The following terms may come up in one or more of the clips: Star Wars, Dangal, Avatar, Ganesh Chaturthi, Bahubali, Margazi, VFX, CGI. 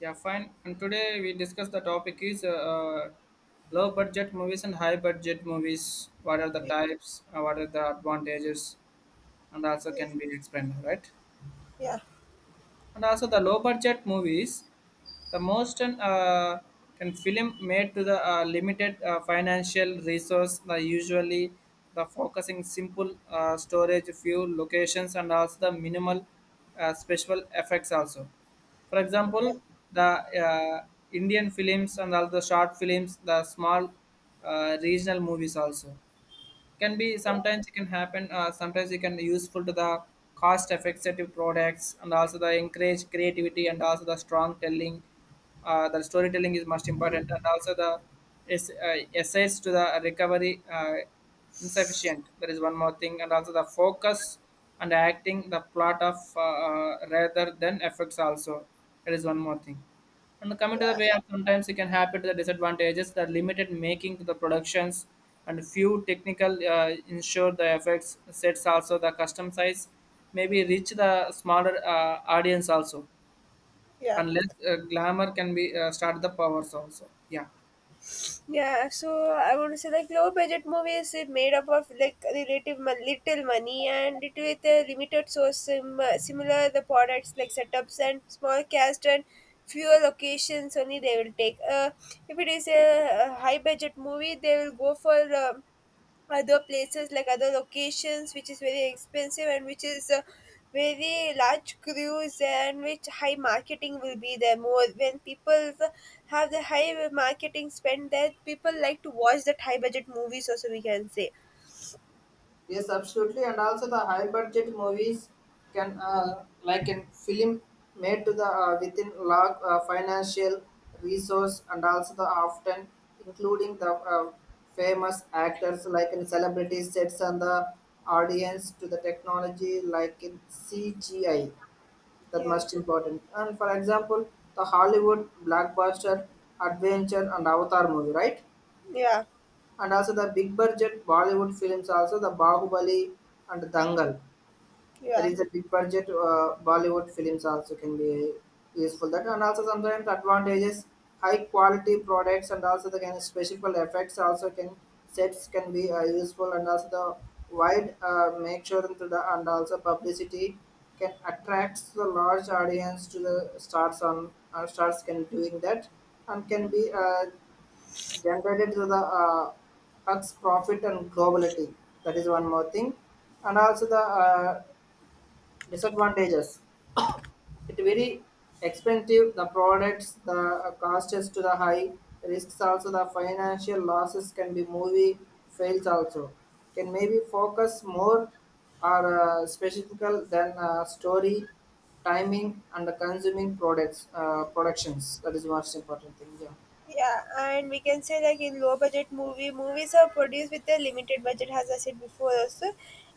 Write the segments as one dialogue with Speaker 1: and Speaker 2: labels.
Speaker 1: Yeah, fine. And today we discuss the topic is low budget movies and high budget movies. What are the
Speaker 2: yeah,
Speaker 1: types? What are the advantages? And also can be explained, right?
Speaker 2: yeah,
Speaker 1: And also the low budget movies, the most can film made to the limited financial resource, the usually the focusing simple storage, few locations, and also the minimal special effects also. For example, the uh, indian films and all the short films, the small regional movies also can be. Sometimes it can happen, sometimes it can be useful to the cost effective products, and also the encourage creativity, and also the strong telling, the storytelling is most important. And also the essays to the recovery, insufficient, that is one more thing. And also the focus and acting the plot of rather than effects also, that is one more thing. And coming to
Speaker 2: yeah,
Speaker 1: the way of sometimes it can happen to the disadvantages, the limited making to the productions and few technical ensure the effects sets also, the custom size maybe reach the smaller audience also,
Speaker 2: yeah.
Speaker 1: and less glamour can be start the powers also, yeah.
Speaker 2: Yeah, so I want to say like low budget movies is made up of like relative little money and it with a limited source similar the products like setups and small cast and fewer locations only they will take. If it is a high budget movie, they will go for other places like other locations which is very expensive and which is a very large cruise and which high marketing will be there more when people have the high marketing spend there people like to watch that high budget movies also we can say
Speaker 1: Yes, absolutely. And also the high budget movies can, like a film made to the within large financial resource, and also the often including the famous actors like in celebrities, sets on the audience to the technology like in CGI, that
Speaker 2: yeah
Speaker 1: most important. And for example, the Hollywood blockbuster adventure and Avatar movie, right?
Speaker 2: yeah
Speaker 1: And also the big budget Bollywood films, also the Bahubali and Dangal. That
Speaker 2: yeah
Speaker 1: is the big budget Bollywood films also can be useful. That, and also sometimes advantages, high quality products, and also the kind of special effects also can sets can be useful, and also the wide make sure into the and also publicity can attract the large audience to the stars on stars can doing that, and can be generated through the hugs profit and globality, that is one more thing. And also the disadvantages, it very expensive the products, the cost is to the high risks, also the financial losses can be, movie fails also, can maybe focus more or specifical than story timing and the consuming products, productions, that is most important thing, yeah.
Speaker 2: Yeah, and we can say like in low budget movies are produced with a limited budget, as I said before also,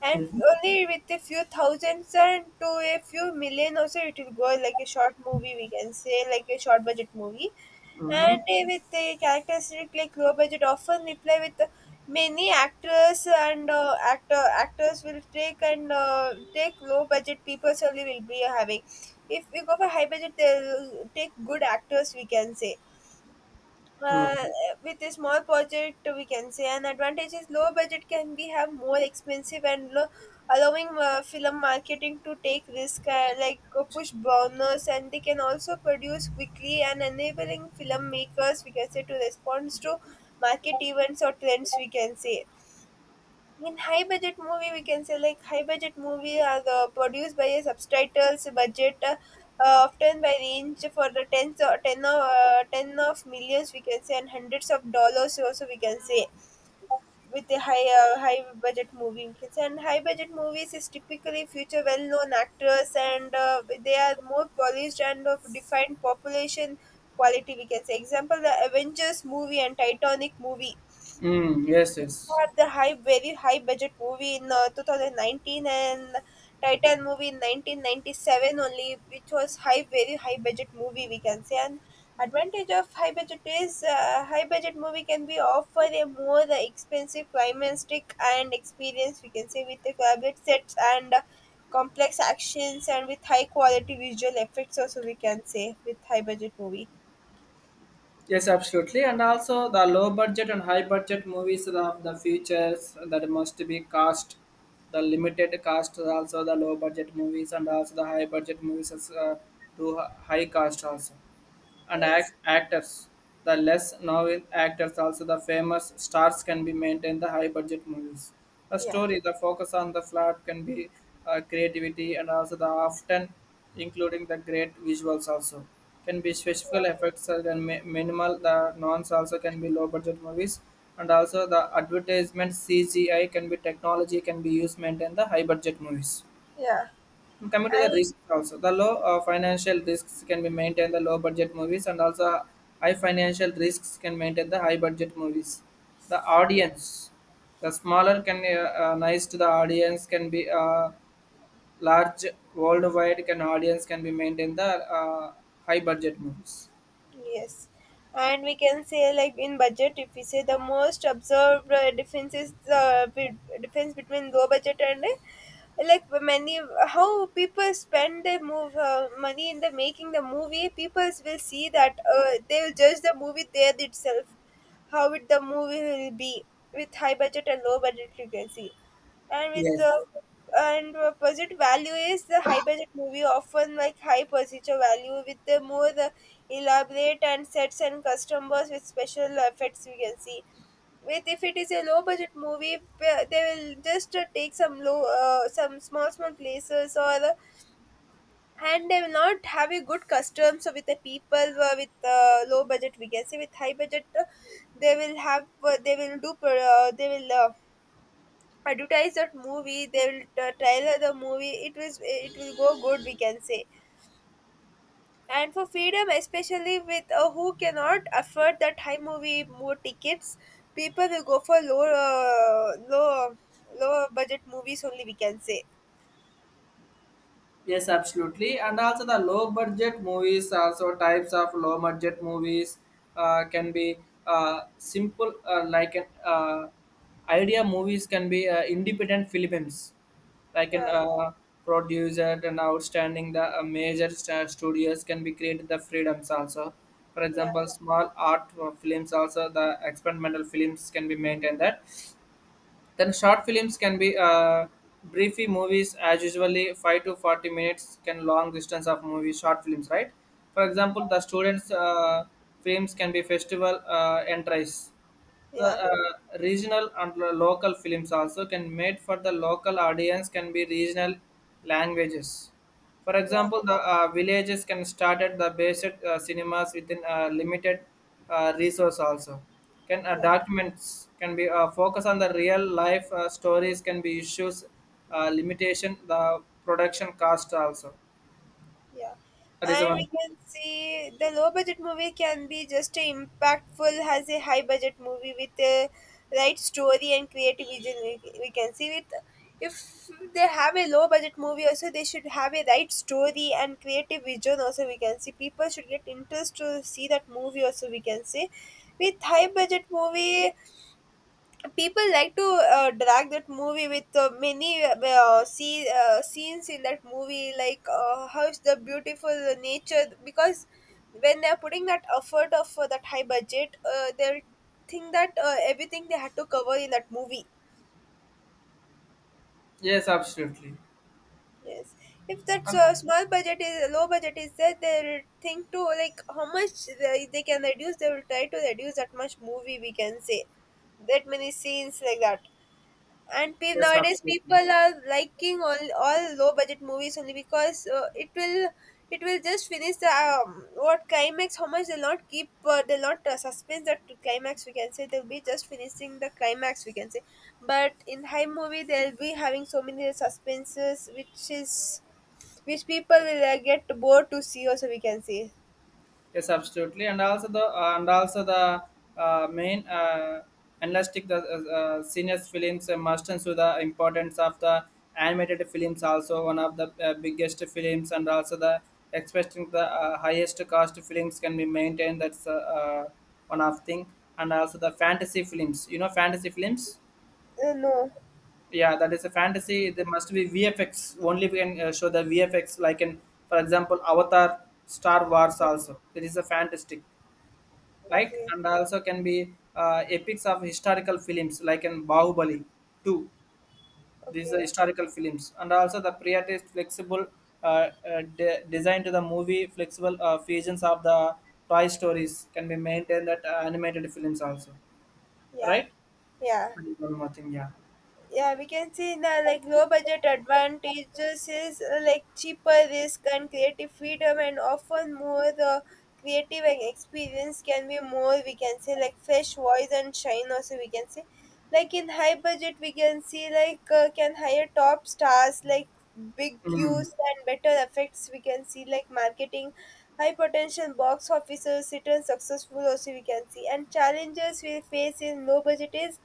Speaker 2: and
Speaker 1: Mhm.
Speaker 2: only with a few thousands and to a few million also it will go like a short movie. We can say like a short budget movie, and with the characteristic like low budget, often we play with many actors and actors will take and take low budget people only will be having. If we go for high budget, they'll take good actors. We can say uh, with a small project we can say an advantage is low budget can be have more expensive and low, allowing film marketing to take risk like push bonus and they can also produce quickly and enabling filmmakers we can say to respond to market events or trends we can say in high budget movie we can say like high budget movie are the produced by a subtitles budget often by range for the tens or 10 of 10 of millions we can say and hundreds of dollars also we can say with a high budget movie we can say and high budget movies is typically future well known actors and they are more polished and of defined population quality we can say example the avengers movie and titanic movie
Speaker 1: Mm, yes, yes.
Speaker 2: had the very high budget movie in 2019 and Titan movie in 1997 only, which was very high budget movie we can say. And advantage of high budget is high budget movie can be offer a more expensive climatic and experience we can say with the elaborate sets and complex actions and with high quality visual effects also we can say with high budget movie.
Speaker 1: Yes, absolutely. And also the low budget and high budget movies of the features that must be cast, the limited cast, also the low budget movies, and also the high budget movies as, to high cast also, and
Speaker 2: Yes.
Speaker 1: actors. The less novel actors, also the famous stars, can be maintained the high budget movies. The
Speaker 2: Yeah.
Speaker 1: story, the focus on the plot can be creativity, and also the often including the great visuals also, can be special effects and minimal the nons also can be low budget movies, and also the advertisement CGI can be technology can be used maintain the high budget movies.
Speaker 2: Yeah.
Speaker 1: And coming to the
Speaker 2: And
Speaker 1: risks also, the low financial risks can be maintained the low budget movies, and also high financial risks can maintain the high budget movies. The audience, the smaller can nice to the audience can be large worldwide can audience can be maintained the uh, high budget movies.
Speaker 2: yes, and we can say like in budget, if we say the most observed difference is the difference between low budget and like many how people spend their move money in the making the movie. People will see that they will judge the movie there itself, how it the movie will be with high budget and low budget. You can see, and with
Speaker 1: Yes.
Speaker 2: and budget value is the high budget movie often like high procedure value with the more elaborate and sets and customers with special effects we can see with if it is a low budget movie they will just take some low some small places or and they will not have a good customs with the people with low budget we can say with high budget they will have they will do they will advertise that movie they will trailer the movie it was it will go good we can say and for freedom especially with who cannot afford that high movie more tickets people will go for low budget movies only we can say
Speaker 1: Yes, absolutely. And also the low budget movies, also types of low budget movies can be simple, like an idea movies can be independent films, like an
Speaker 2: yeah
Speaker 1: producer and outstanding the major studios can be created the freedoms also. For
Speaker 2: yeah
Speaker 1: example, small art films, also the experimental films can be maintained that. Then short films can be briefy movies, as usually five to forty minutes can long distance of movie short films, right? For example, the students' films can be festival entries. The
Speaker 2: yeah
Speaker 1: regional and local films also can made for the local audience, can be regional languages. For
Speaker 2: yeah
Speaker 1: example, the villages can start at the basic cinemas within limited resource also. Can
Speaker 2: yeah
Speaker 1: documents can be focus on the real life stories, can be issues, limitation the production cost also.
Speaker 2: Yeah.
Speaker 1: That is
Speaker 2: And we
Speaker 1: one.
Speaker 2: can see the low budget movie can be just as impactful as a high budget movie with a right story and creative vision. We can see with if they have a low budget movie also they should have a right story and creative vision also we can see people should get interest to see that movie also we can see with high budget movie people like to drag that movie with many scenes in that movie like how is the beautiful nature because when they're putting that effort of that high budget they'll think that everything they had to cover in that movie.
Speaker 1: Yes, absolutely.
Speaker 2: Yes, if that
Speaker 1: And
Speaker 2: small budget is low budget is there they'll think to like how much they can reduce they will try to reduce that much movie we can say that many scenes like that and
Speaker 1: yes,
Speaker 2: nowadays people
Speaker 1: absolutely.
Speaker 2: are liking all low budget movies only because it will just finish the what climax how much they'll not keep they'll not suspense that to climax we can say they'll be just finishing the climax we can say but in high movie they'll be having so many suspenses which is which people will get bored to see also we can say.
Speaker 1: Yes, absolutely, and also the main analytic the senior films must, and so the importance of the animated films, also one of the biggest films, and also the expecting the highest cost films can be maintained. That's one of thing, and also the fantasy films. You know, fantasy films.
Speaker 2: No.
Speaker 1: Yeah, that is a fantasy. There must be VFX only. We can show the VFX like in, for example, Avatar, Star Wars. Also, that is a fantastic like,
Speaker 2: Okay.
Speaker 1: and also can be epics of historical films like in bahubali 2, these are
Speaker 2: Okay.
Speaker 1: historical films. And also the priority flexible design to the movie, flexible fusions of the toy stories can be maintained that animated films also,
Speaker 2: Yeah,
Speaker 1: right?
Speaker 2: yeah,
Speaker 1: And one more thing, yeah.
Speaker 2: yeah, we can see in the like low budget advantages is like cheaper risk and creative freedom and often more the creative and experience can be more we can say like fresh voice and shine also we can say like in high budget we can see like can hire top stars like big
Speaker 1: Mm.
Speaker 2: cues and better effects we can see like marketing high potential box officers return successful also we can see and challenges we face in low budget is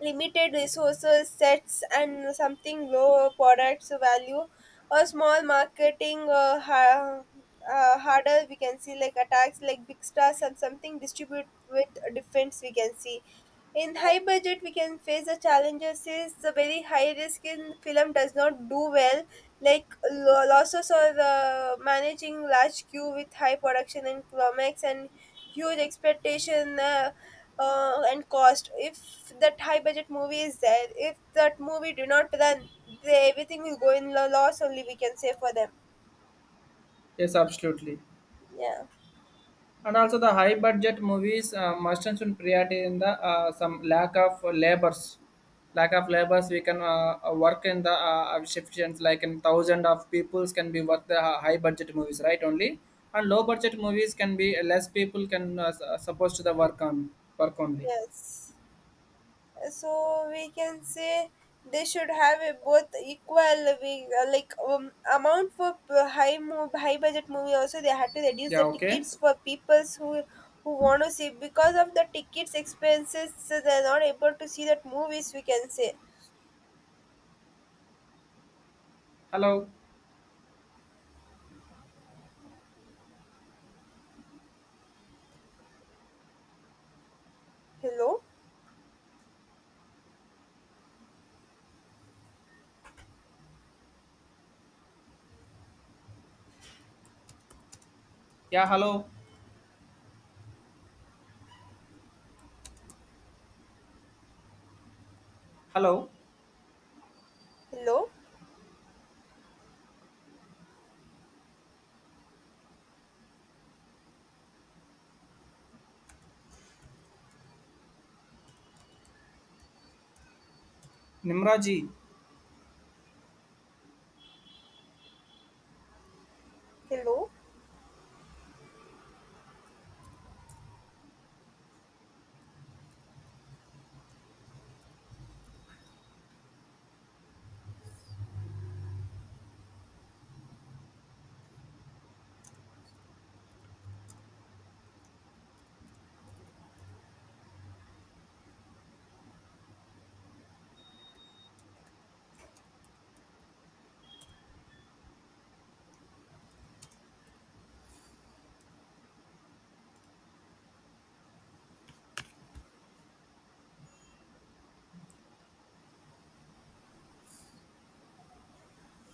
Speaker 2: limited resources sets and something low products value or small marketing harder we can see like attacks like big stars and something distribute with defense we can see in high budget we can face the challenges is the very high risk in film does not do well like losses or the managing large queue with high production and climax and huge expectation and cost if that high budget movie is there if that movie do not then everything will go in the loss only we can say for them.
Speaker 1: Yes, absolutely.
Speaker 2: Yeah,
Speaker 1: And also the high budget movies must and should priority in the some lack of labors, lack of labors, we can work in the efficiency, like in thousand of peoples can be work the high budget movies right only, and low budget movies can be less people can supposed to the work on work only.
Speaker 2: yes, so we can say they should have a both like amount for high budget movie also they had to reduce
Speaker 1: Yeah,
Speaker 2: the
Speaker 1: okay.
Speaker 2: tickets for peoples who want to see because of the tickets expenses so they're not able to see that movies we can say.
Speaker 1: Hello.
Speaker 2: Hello.
Speaker 1: Yeah, hello. Hello.
Speaker 2: Hello,
Speaker 1: Nimraji.
Speaker 2: hello.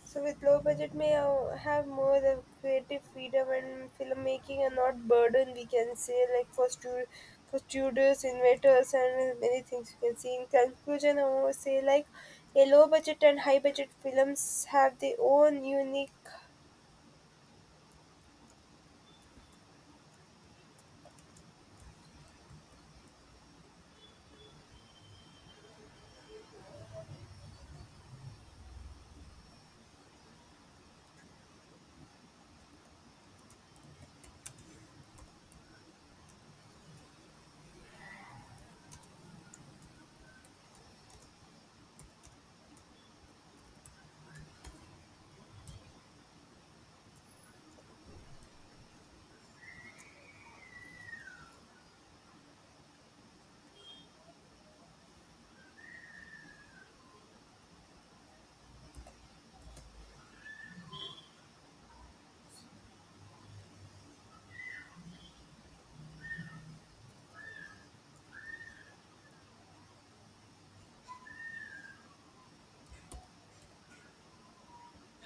Speaker 2: So with low budget, may I have more the creative freedom and filmmaking, and not burden. We can say like for for studios, inventors, and many things. We can see in conclusion. I want to say like a low budget and high budget films have their own unique.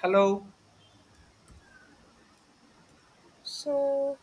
Speaker 1: Hello.
Speaker 2: So